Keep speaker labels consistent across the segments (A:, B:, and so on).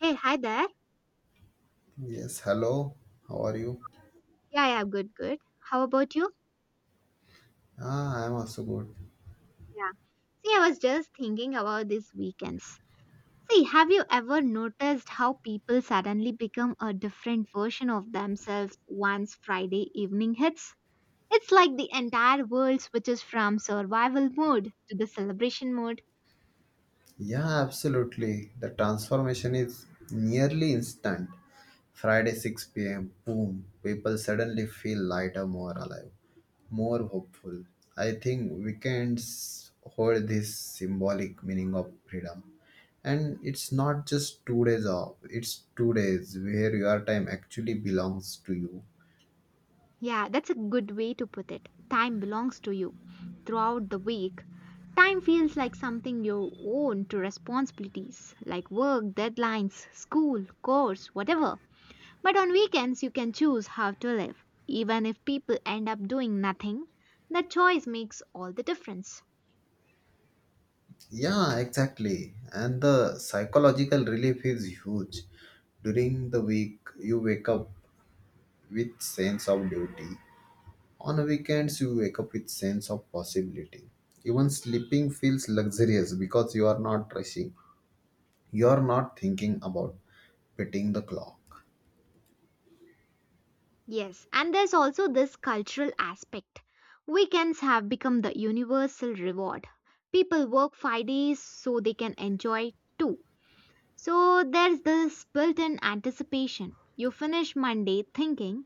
A: Hey, hi there.
B: Yes, hello. How are you?
A: Yeah, yeah, good, good. How about you?
B: Ah, I am also good.
A: Yeah. See, I was just thinking about these weekends. See, have you ever noticed how people suddenly become a different version of themselves once Friday evening hits? It's like the entire world switches from survival mode to the celebration mode.
B: Yeah, absolutely. The transformation is nearly instant. Friday 6 p.m., boom. People suddenly feel lighter, more alive, more hopeful. I think weekends hold this symbolic meaning of freedom. And it's not just 2 days off, it's 2 days where your time actually belongs to you.
A: Yeah, that's a good way to put it. Time belongs to you throughout the week. Time feels like something you own to responsibilities like work, deadlines, school, course, whatever. But on weekends, you can choose how to live. Even if people end up doing nothing, that choice makes all the difference.
B: Yeah, exactly. And the psychological relief is huge. During the week, you wake up with sense of duty. On weekends, you wake up with sense of possibility. Even sleeping feels luxurious because you are not rushing. You are not thinking about beating the clock.
A: Yes, and there's also this cultural aspect. Weekends have become the universal reward. People work 5 days so they can enjoy too. So there's this built in anticipation. You finish Monday thinking,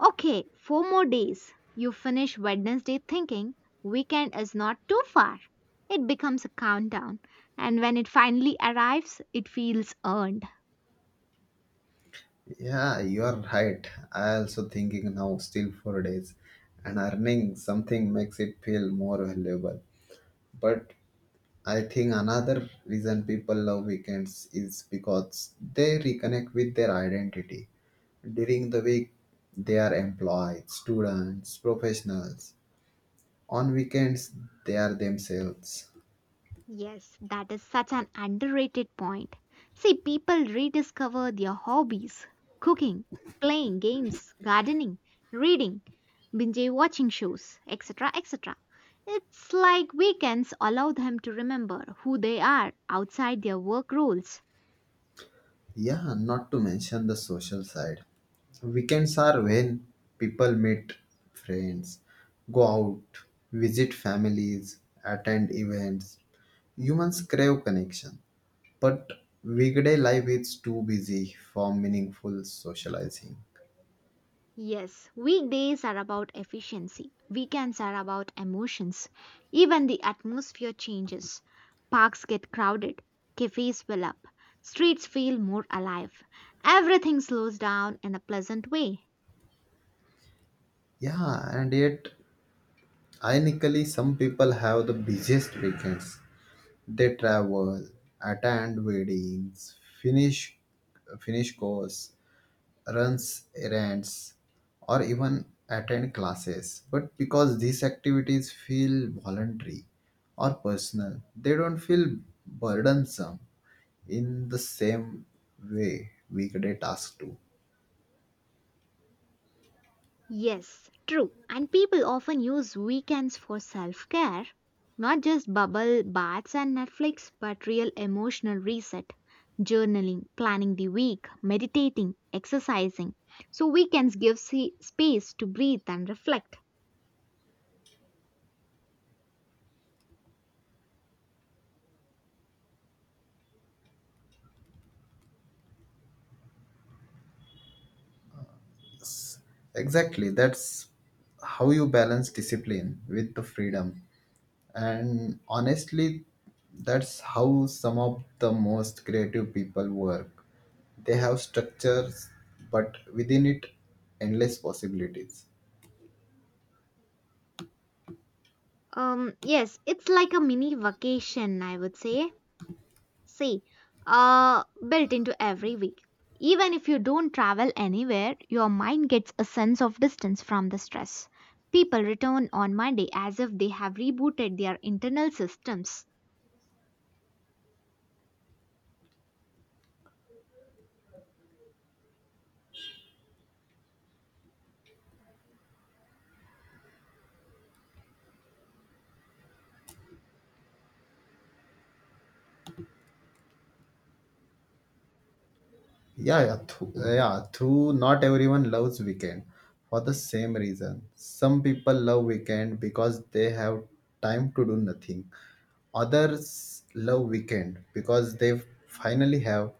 A: okay, four more days. You finish Wednesday thinking, weekend is not too far. It becomes a countdown, and when it finally arrives, it feels earned.
B: Yeah, you are right. I also thinking now still 4 days, and earning something makes it feel more valuable. But I think another reason people love weekends is because they reconnect with their identity. During the week, they are employed, students, professionals. On weekends, they are themselves.
A: Yes, that is such an underrated point. See, people rediscover their hobbies cooking, playing games, gardening, reading, binge watching shows, etc. etc. It's like weekends allow them to remember who they are outside their work roles.
B: Yeah, not to mention the social side. Weekends are when people meet friends, go out, visit families, attend events. Humans crave connection. But weekday life is too busy for meaningful socializing.
A: Yes, weekdays are about efficiency, weekends are about emotions. Even the atmosphere changes. Parks get crowded, cafes fill up, streets feel more alive. Everything slows down in a pleasant way.
B: Yeah, and yet, ironically, some people have the busiest weekends. They travel, attend weddings, finish course, runs errands, or even attend classes. But because these activities feel voluntary or personal, they don't feel burdensome in the same way weekday tasks do.
A: Yes, true. And people often use weekends for self care, not just bubble baths and Netflix, but real emotional reset, journaling, planning the week, meditating, exercising. So weekends give space to breathe and reflect.
B: Exactly. That's how you balance discipline with the freedom. And honestly, that's how some of the most creative people work. They have structures, but within it, endless possibilities.
A: Yes, it's like a mini vacation, I would say. See, built into every week. Even if you don't travel anywhere, your mind gets a sense of distance from the stress. People return on Monday as if they have rebooted their internal systems.
B: Yeah. Through not everyone loves weekend for the same reason. Some people love weekend because they have time to do nothing. Others love weekend because they finally have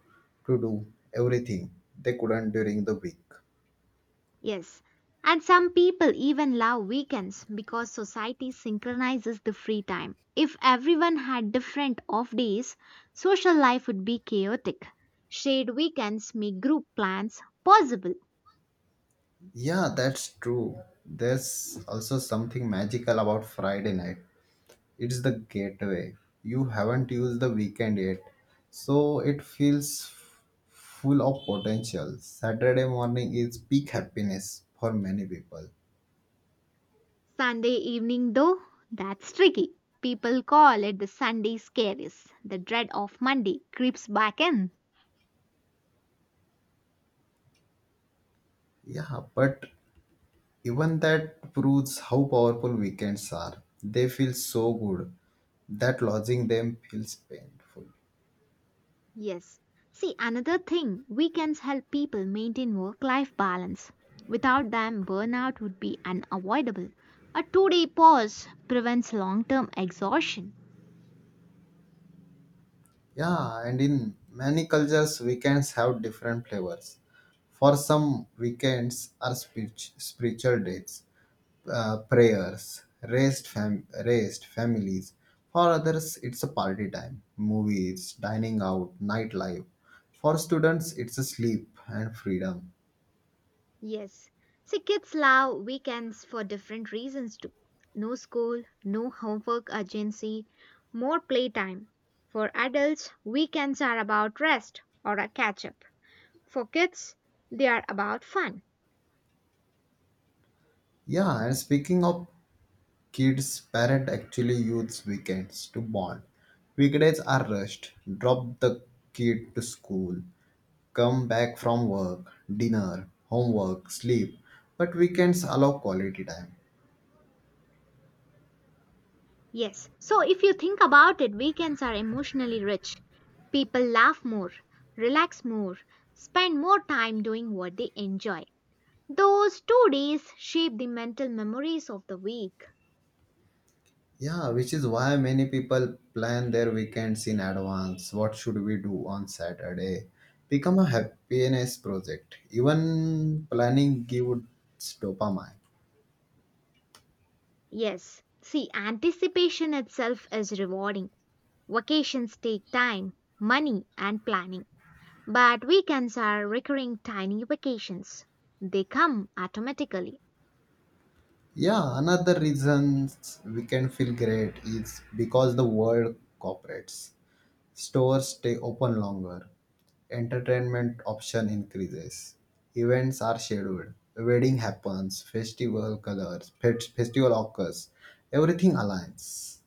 B: to do everything they couldn't during the week.
A: Yes. And some people even love weekends because society synchronizes the free time. If everyone had different off days, social life would be chaotic. Shared weekends make group plans possible.
B: Yeah, that's true. There's also something magical about Friday night. It's the gateway. You haven't used the weekend yet, so it feels full of potential. Saturday morning is peak happiness for many people.
A: Sunday evening, though, that's tricky. People call it the Sunday scaries. The dread of Monday creeps back in.
B: Yeah, but even that proves how powerful weekends are. They feel so good that losing them feels painful.
A: Yes. See, another thing, weekends help people maintain work life balance. Without them, burnout would be unavoidable. A 2-day pause prevents long term exhaustion.
B: Yeah, and in many cultures, weekends have different flavors. For some, weekends are spiritual days. Prayers, raised, raised families. For others, it's a party time, movies, dining out, nightlife. For students, it's a sleep and freedom.
A: Yes. See, kids love weekends for different reasons too. No school, no homework urgency, more playtime. For adults, weekends are about rest or a catch up. For kids, they are about fun.
B: Yeah, and speaking of kids, parent actually use weekends to bond. Weekdays are rushed. Drop the kid to school, come back from work, dinner, homework, sleep. But weekends allow quality time.
A: Yes. So if you think about it, weekends are emotionally rich. People laugh more, relax more, spend more time doing what they enjoy. Those 2 days shape the mental memories of the week.
B: Yeah, which is why many people plan their weekends in advance. What should we do on Saturday? Become a happiness project. Even planning gives dopamine.
A: Yes. See, anticipation itself is rewarding. Vacations take time, money, and planning. But weekends are recurring tiny vacations. They come automatically.
B: Yeah, another reason we can feel great is because the world cooperates. Stores stay open longer. Entertainment option increases. Events are scheduled. Wedding happens. Festival colors. Festival occurs. Everything aligns.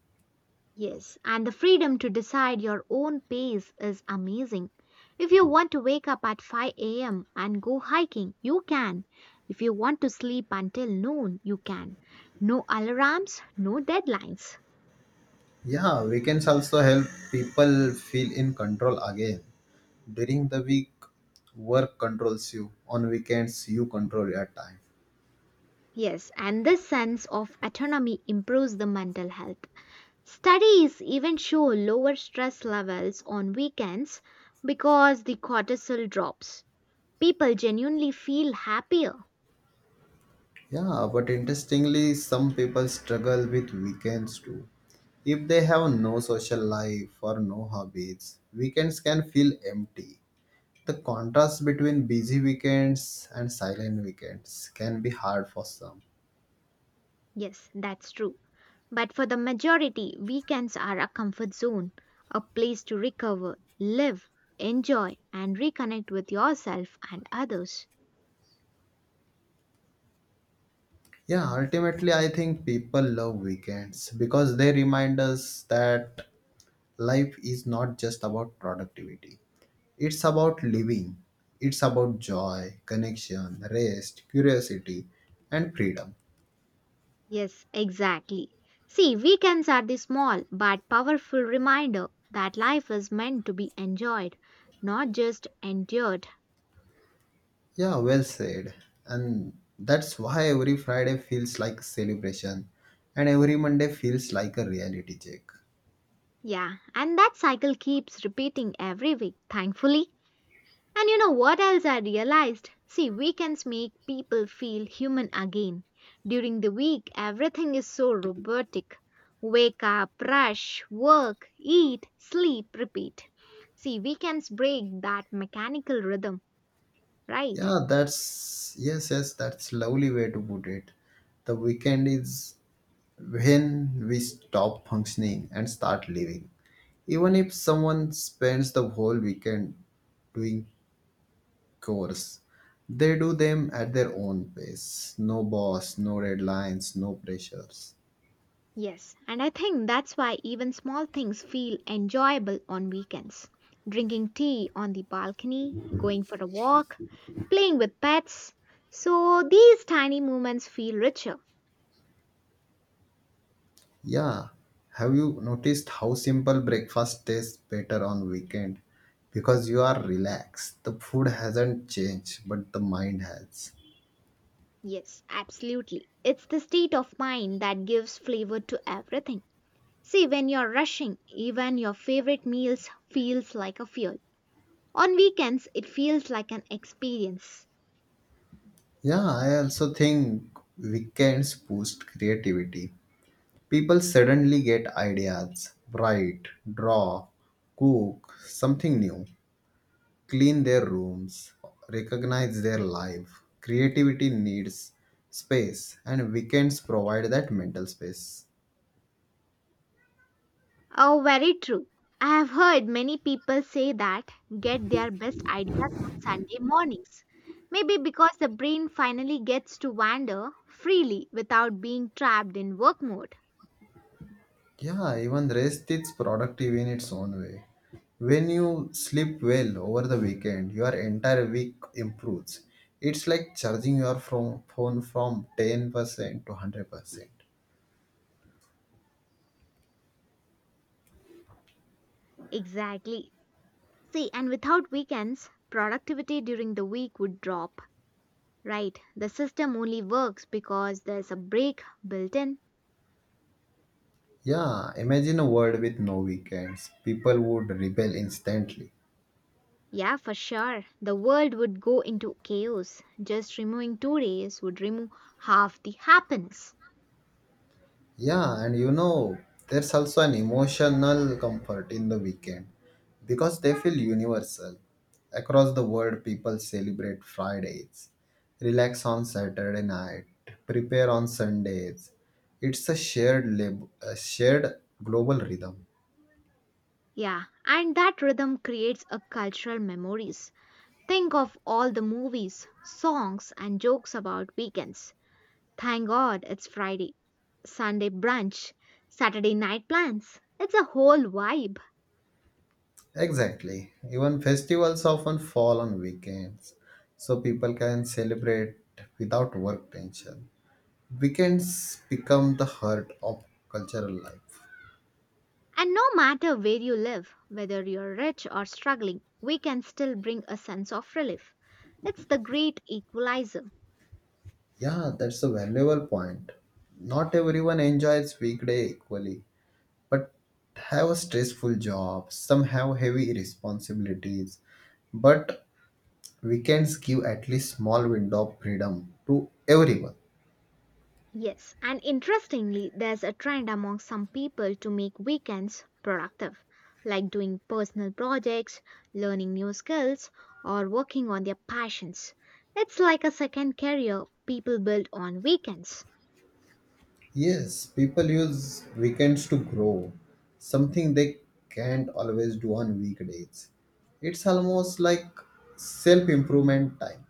A: Yes, and the freedom to decide your own pace is amazing. If you want to wake up at 5 a.m. and go hiking, you can. If you want to sleep until noon, you can. No alarms, no deadlines.
B: Yeah, weekends also help people feel in control again. During the week, work controls you. On weekends, you control your time.
A: Yes, and this sense of autonomy improves the mental health. Studies even show lower stress levels on weekends because the cortisol drops. People genuinely feel happier.
B: Yeah, but interestingly, some people struggle with weekends too. If they have no social life or no hobbies, weekends can feel empty. The contrast between busy weekends and silent weekends can be hard for some.
A: Yes, that's true. But for the majority, weekends are a comfort zone, a place to recover, live, enjoy, and reconnect with yourself and others.
B: Yeah, ultimately, I think people love weekends because they remind us that life is not just about productivity. It's about living. It's about joy, connection, rest, curiosity, and freedom.
A: Yes, exactly. See, weekends are the small but powerful reminder that life is meant to be enjoyed, not just endured.
B: Yeah, well said. And that's why every Friday feels like celebration and every Monday feels like a reality check.
A: Yeah, and that cycle keeps repeating every week, thankfully. And you know what else I realized? See, weekends make people feel human again. During the week, everything is so robotic wake up, rush, work, eat, sleep, repeat. See, weekends break that mechanical rhythm, right?
B: Yeah, that's lovely way to put it. The weekend is when we stop functioning and start living. Even if someone spends the whole weekend doing chores, they do them at their own pace. No boss, no deadlines, no pressures.
A: Yes, and I think that's why even small things feel enjoyable on weekends. Drinking tea on the balcony, going for a walk, playing with pets. So these tiny moments feel richer.
B: Yeah. Have you noticed how simple breakfast tastes better on weekend? Because you are relaxed. The food hasn't changed, but the mind has.
A: Yes, absolutely. It's the state of mind that gives flavor to everything. See, when you're rushing, even your favorite meals feels like a fuel. On weekends, it feels like an experience.
B: Yeah, I also think weekends boost creativity. People suddenly get ideas, write, draw, cook something new, clean their rooms, recognize their life. Creativity needs space, and weekends provide that mental space.
A: Oh, very true. I have heard many people say that get their best ideas on Sunday mornings. Maybe because the brain finally gets to wander freely without being trapped in work mode.
B: Yeah, even rest is productive in its own way. When you sleep well over the weekend, your entire week improves. It's like charging your from phone from 10% to 100%.
A: Exactly. See, and without weekends, productivity during the week would drop. Right, the system only works because there's a break built in.
B: Yeah, imagine a world with no weekends. People would rebel instantly.
A: Yeah, for sure. The world would go into chaos. Just removing 2 days would remove half the happiness.
B: Yeah, and you know, there's also an emotional comfort in the weekend because they feel universal. Across the world, people celebrate Fridays, relax on Saturday night, prepare on Sundays. It's a a shared global rhythm.
A: Yeah, and that rhythm creates a cultural memories. Think of all the movies, songs and jokes about weekends. Thank God it's Friday. Sunday brunch, Saturday night plans. It's a whole vibe.
B: Exactly. Even festivals often fall on weekends, so people can celebrate without work tension. Weekends become the heart of cultural life.
A: And no matter where you live, whether you're rich or struggling, we can still bring a sense of relief. It's the great equalizer.
B: Yeah, that's a valuable point. Not everyone enjoys weekday equally, but have a stressful job. Some have heavy responsibilities, but weekends give at least small window of freedom to everyone.
A: Yes, and interestingly, there's a trend among some people to make weekends productive, like doing personal projects, learning new skills, or working on their passions. It's like a second career people build on weekends.
B: Yes, people use weekends to grow, something they can't always do on weekdays. It's almost like self improvement time.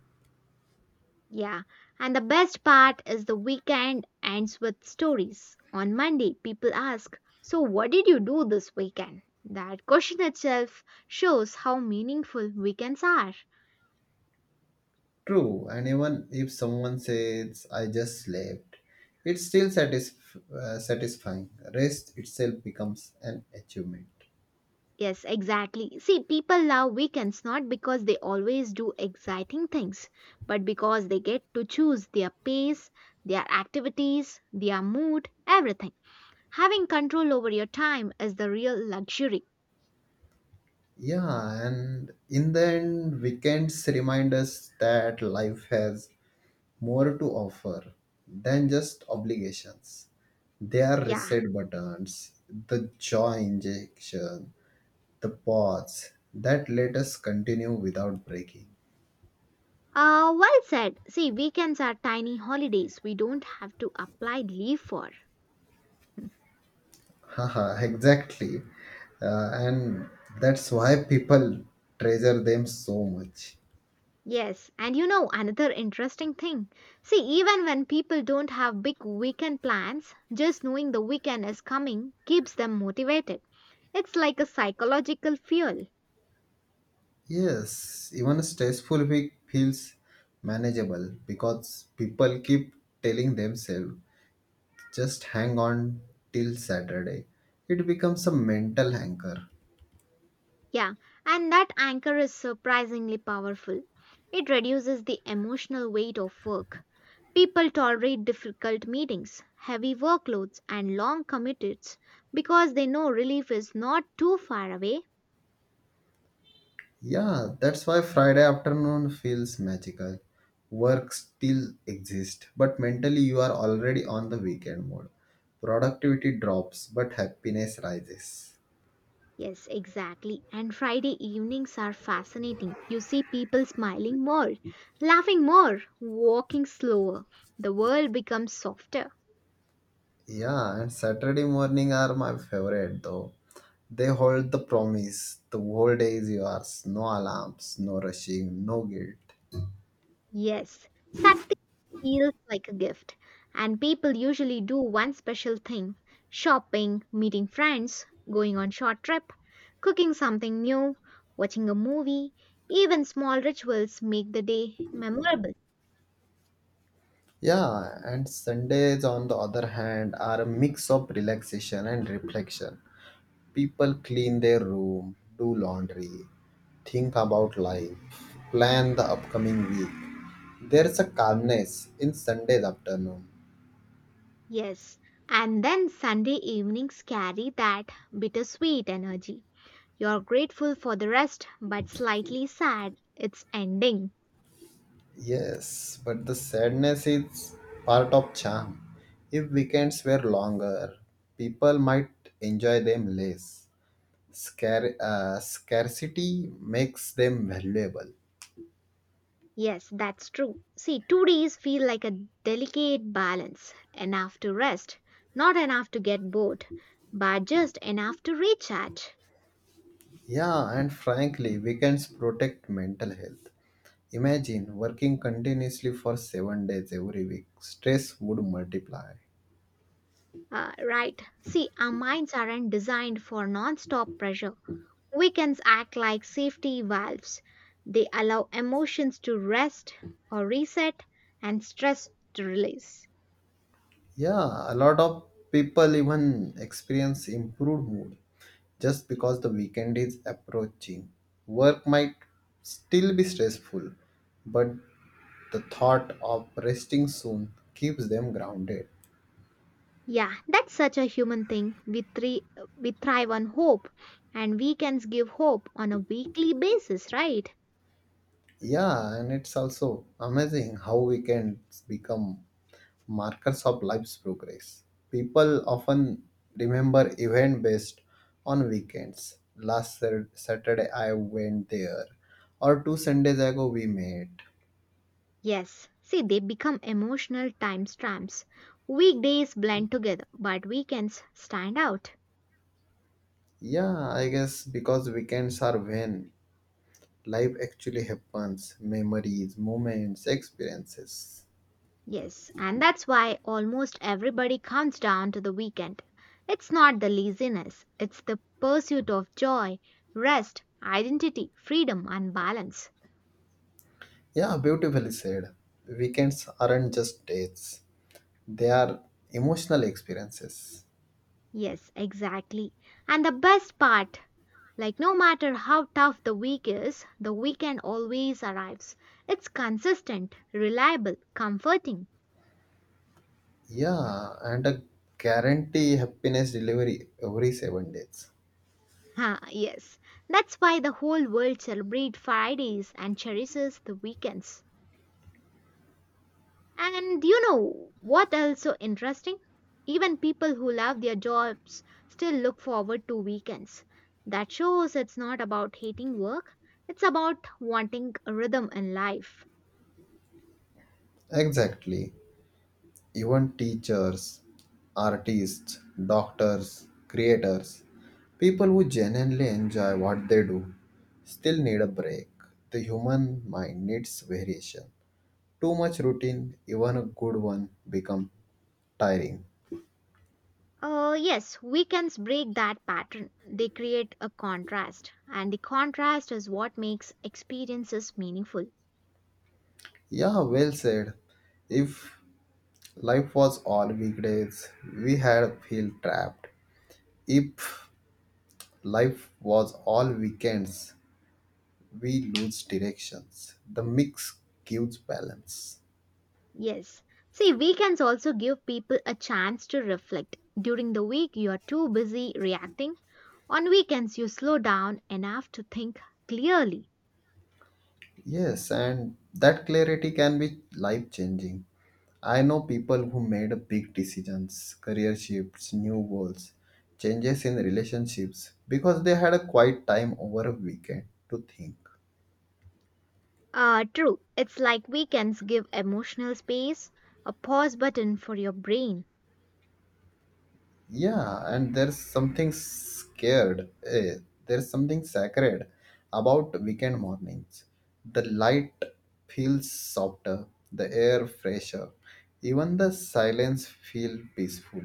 A: Yeah, and the best part is the weekend ends with stories. On Monday, people ask, so, what did you do this weekend? That question itself shows how meaningful weekends are.
B: True, and even if someone says, I just slept, it's still satisfying. Rest itself becomes an achievement.
A: Yes, exactly. See, people love weekends not because they always do exciting things, but because they get to choose their pace, their activities, their mood, everything. Having control over your time is the real luxury.
B: Yeah, and in the end, weekends remind us that life has more to offer than just obligations. They are
A: Yeah.
B: reset buttons, the joy injection, the pause that let us continue without breaking.
A: Well said. See, weekends are tiny holidays we don't have to apply leave for.
B: Haha, exactly. And that's why people treasure them so much.
A: Yes, and you know another interesting thing. See, even when people don't have big weekend plans, just knowing the weekend is coming keeps them motivated. It's like a psychological fuel.
B: Yes, even a stressful week feels manageable because people keep telling themselves just hang on till Saturday. It becomes a mental anchor.
A: Yeah, and that anchor is surprisingly powerful. It reduces the emotional weight of work. People tolerate difficult meetings, heavy workloads, and long commutes because they know relief is not too far away.
B: Yeah, that's why Friday afternoon feels magical. Work still exists, but mentally you are already on the weekend mode. Productivity drops, but happiness rises.
A: Yes, exactly. And Friday evenings are fascinating. You see people smiling more, laughing more, walking slower. The world becomes softer.
B: Yeah, and Saturday morning are my favorite though. They hold the promise. The whole day is yours. No alarms, no rushing, no guilt.
A: Yes, Saturday feels like a gift. And people usually do one special thing shopping, meeting friends, going on short trip, cooking something new, watching a movie. Even small rituals make the day memorable.
B: Yeah, and Sundays on the other hand are a mix of relaxation and reflection. People clean their room, do laundry, think about life, plan the upcoming week. There's a calmness in Sunday's afternoon.
A: Yes, and then Sunday evenings carry that bittersweet energy. You're grateful for the rest, but slightly sad. It's ending.
B: Yes, but the sadness is part of charm. If weekends were longer, people might enjoy them less. Scarcity makes them valuable.
A: Yes, that's true. See, 2 days feel like a delicate balance enough to rest, not enough to get bored, but just enough to recharge.
B: Yeah, and frankly, weekends protect mental health. Imagine working continuously for 7 days every week. Stress would multiply.
A: Right. See, our minds aren't designed for non stop pressure. Weekends act like safety valves. They allow emotions to rest or reset and stress to release.
B: Yeah, a lot of people even experience improved mood just because the weekend is approaching. Work might still be stressful, but the thought of resting soon keeps them grounded.
A: Yeah, that's such a human thing. We thrive on hope, and weekends give hope on a weekly basis, right?
B: Yeah, and it's also amazing how weekends become markers of life's progress. People often remember event based on weekends. Saturday I went there, or two Sundays ago we met.
A: Yes. See, they become emotional timestamps. Weekdays blend together, but weekends stand out.
B: Yeah, I guess because weekends are when life actually happens, memories, moments, experiences.
A: Yes, and that's why almost everybody comes down to the weekend. It's not the laziness, it's the pursuit of joy, rest, identity, freedom, and balance.
B: Yeah, beautifully said. Weekends aren't just dates, they are emotional experiences.
A: Yes, exactly. And the best part like, no matter how tough the week is, the weekend always arrives. It's consistent, reliable, comforting.
B: Yeah, and a guarantee happiness delivery every 7 days.
A: Ha, yes. That's why the whole world celebrates Fridays and cherishes the weekends. And you know what else so interesting? Even people who love their jobs still look forward to weekends. That shows it's not about hating work, it's about wanting a rhythm in life.
B: Exactly. Even teachers, artists, doctors, creators, people who genuinely enjoy what they do still need a break. The human mind needs variation. Too much routine, even a good one, become tiring.
A: Yes, weekends break that pattern. They create a contrast, and the contrast is what makes experiences meaningful.
B: Yeah, well said. If life was all weekdays, we had feel trapped. If Life was all weekends. We lose directions. The mix gives balance.
A: Yes. See, weekends also give people a chance to reflect. During the week, you are too busy reacting. On weekends, you slow down enough to think clearly.
B: Yes, and that clarity can be life changing. I know people who made big decisions, career shifts, new goals, changes in relationships because they had a quiet time over a weekend to think.
A: True. It's like weekends give emotional space, a pause button for your brain.
B: Yeah, and there's something sacred about weekend mornings. The light feels softer, the air fresher, even the silence feels peaceful.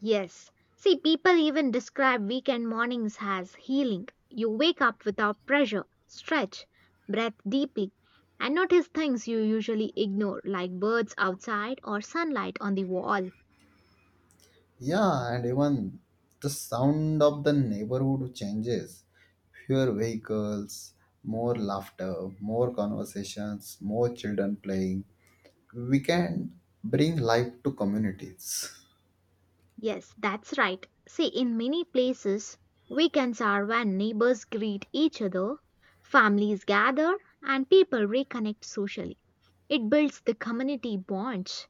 A: Yes. See, people even describe weekend mornings as healing. You wake up without pressure, stretch, breathe deeply, and notice things you usually ignore, like birds outside or sunlight on the wall.
B: Yeah, and even the sound of the neighborhood changes. Fewer vehicles, more laughter, more conversations, more children playing. We can bring life to communities.
A: Yes, that's right. See, in many places, weekends are when neighbors greet each other, families gather, and people reconnect socially. It builds the community bonds.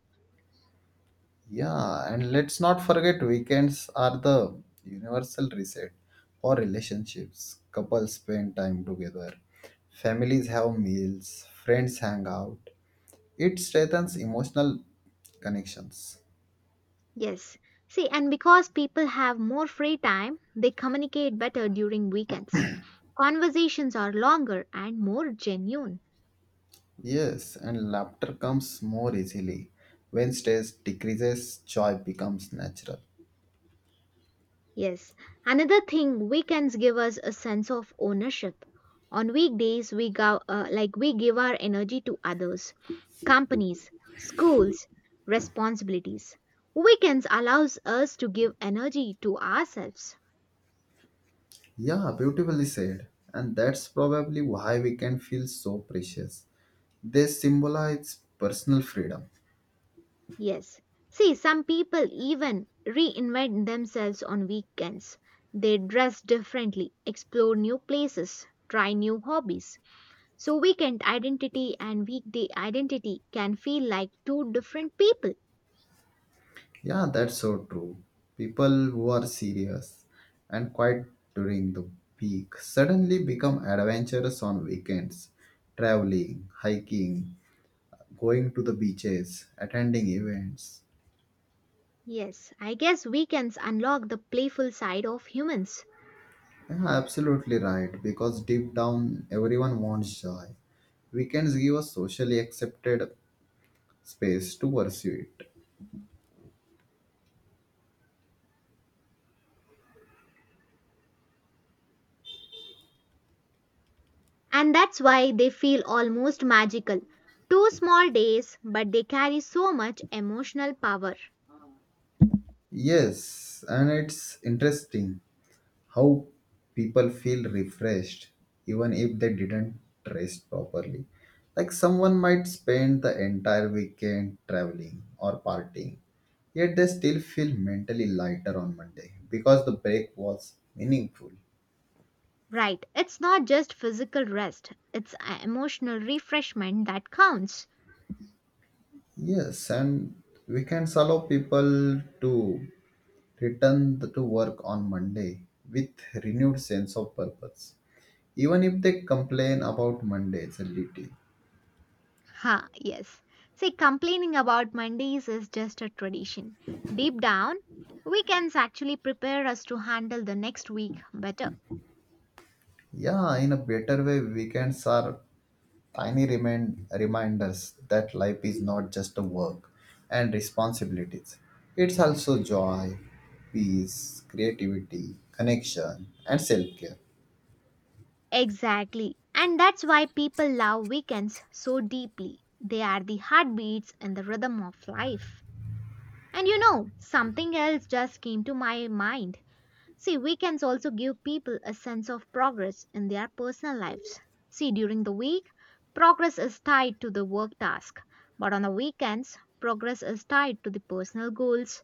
B: Yeah, and let's not forget weekends are the universal reset for relationships. Couples spend time together, families have meals, friends hang out. It strengthens emotional connections.
A: Yes. See, and because people have more free time, they communicate better during weekends. Conversations are longer and more genuine.
B: Yes, and laughter comes more easily. When stress decreases, joy becomes natural.
A: Yes. Another thing, weekends give us a sense of ownership. On weekdays, we go, like we give our energy to others, companies, schools, responsibilities. Weekends allows us to give energy to ourselves.
B: Yeah, beautifully said. And that's probably why we can feel so precious. They symbolize personal freedom.
A: Yes. See, some people even reinvent themselves on weekends. They dress differently, explore new places, try new hobbies. So, weekend identity and weekday identity can feel like two different people.
B: Yeah, that's so true. People who are serious and quiet during the week suddenly become adventurous on weekends, traveling, hiking, going to the beaches, attending events.
A: Yes, I guess weekends unlock the playful side of humans.
B: Yeah, absolutely right, because deep down everyone wants joy. Weekends give a socially accepted space to pursue it.
A: And that's why they feel almost magical. Two small days, but they carry so much emotional power.
B: Yes, and it's interesting how people feel refreshed even if they didn't rest properly. Like someone might spend the entire weekend traveling or partying, yet they still feel mentally lighter on Monday because the break was meaningful.
A: Right, it's not just physical rest, it's a emotional refreshment that counts.
B: Yes, and weekends allow people to to work on Monday with renewed sense of purpose, even if they complain about Mondays a little.
A: Ha, yes. See, complaining about Mondays is just a tradition. Deep down, weekends actually prepare us to handle the next week better.
B: Yeah, in a better way, weekends are reminders that life is not just a work and responsibilities. It's also joy, peace, creativity, connection, and self care.
A: Exactly. And that's why people love weekends so deeply. They are the heartbeats and the rhythm of life. And you know, something else just came to my mind. See, weekends also give people a sense of progress in their personal lives. See, during the week, progress is tied to the work task, but on the weekends, progress is tied to the personal goals.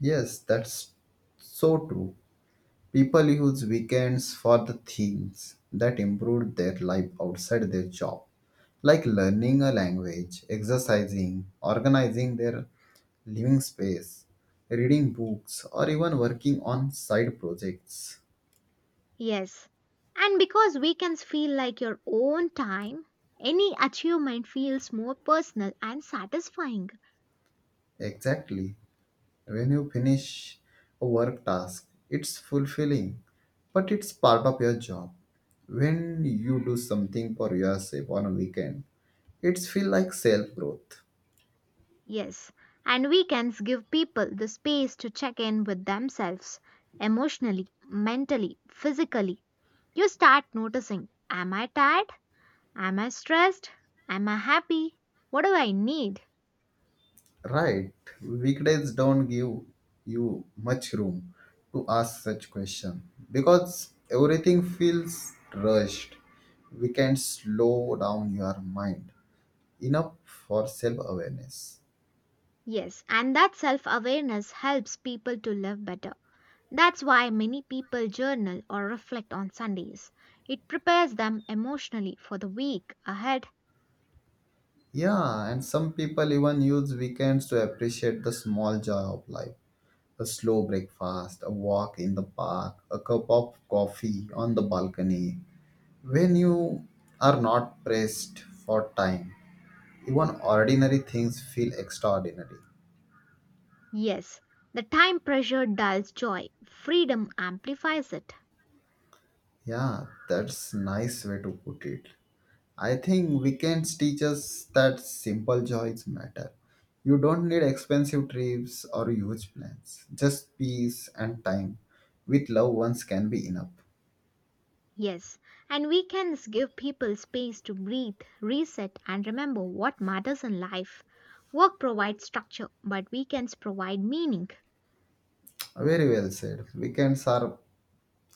B: Yes, that's so true. People use weekends for the things that improve their life outside their job, like learning a language, exercising, organizing their living space, reading books, or even working on side projects.
A: Yes. And because weekends feel like your own time, any achievement feels more personal and satisfying.
B: Exactly. When you finish a work task, it's fulfilling, but it's part of your job. When you do something for yourself on a weekend, it's feel like self growth.
A: Yes, and weekends give people the space to check in with themselves emotionally, mentally, physically. You start noticing: Am I tired? Am I stressed? Am I happy? What do I need?
B: Right. Weekdays don't give you much room to ask such question because everything feels rushed. We can slow down your mind enough for self awareness.
A: Yes, and that self awareness helps people to live better. That's why many people journal or reflect on Sundays. It prepares them emotionally for the week ahead.
B: Yeah, and some people even use weekends to appreciate the small joy of life. A slow breakfast, a walk in the park, a cup of coffee on the balcony. When you are not pressed for time, even ordinary things feel extraordinary.
A: Yes, the time pressure dulls joy, freedom amplifies it.
B: Yeah, that's nice way to put it. I think weekends teach us that simple joys matter. You don't need expensive trips or huge plans. Just peace and time with loved ones can be enough.
A: Yes, and weekends give people space to breathe, reset, and remember what matters in life. Work provides structure, but weekends provide meaning.
B: Very well said. Weekends are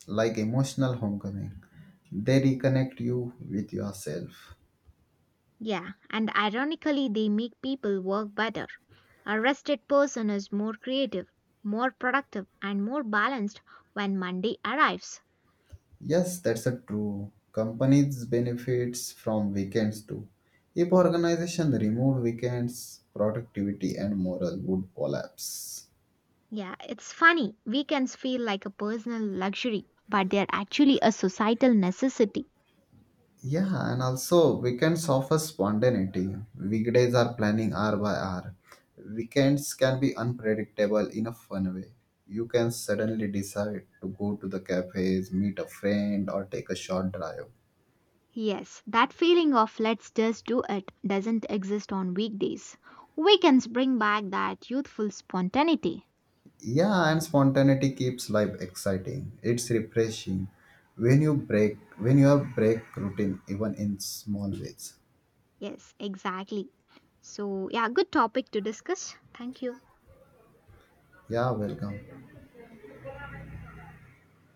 B: like emotional homecoming. They reconnect you with yourself.
A: Yeah, and ironically, they make people work better. A rested person is more creative, more productive, and more balanced when Monday arrives.
B: Yes, that's a true. Companies benefits from weekends too. If organization remove weekends, productivity and morale would collapse.
A: Yeah, it's funny. Weekends feel like a personal luxury, but they're actually a societal necessity.
B: Yeah, and also weekends offer spontaneity. Weekdays are planning hour by hour. Weekends can be unpredictable in a fun way. You can suddenly decide to go to the cafes, meet a friend, or take a short drive.
A: Yes, that feeling of let's just do it doesn't exist on weekdays. Weekends bring back that youthful spontaneity.
B: Yeah, and spontaneity keeps life exciting. It's refreshing when you break routine even in small ways.
A: Yes, exactly. So, yeah, good topic to discuss. Thank you.
B: Yeah, welcome.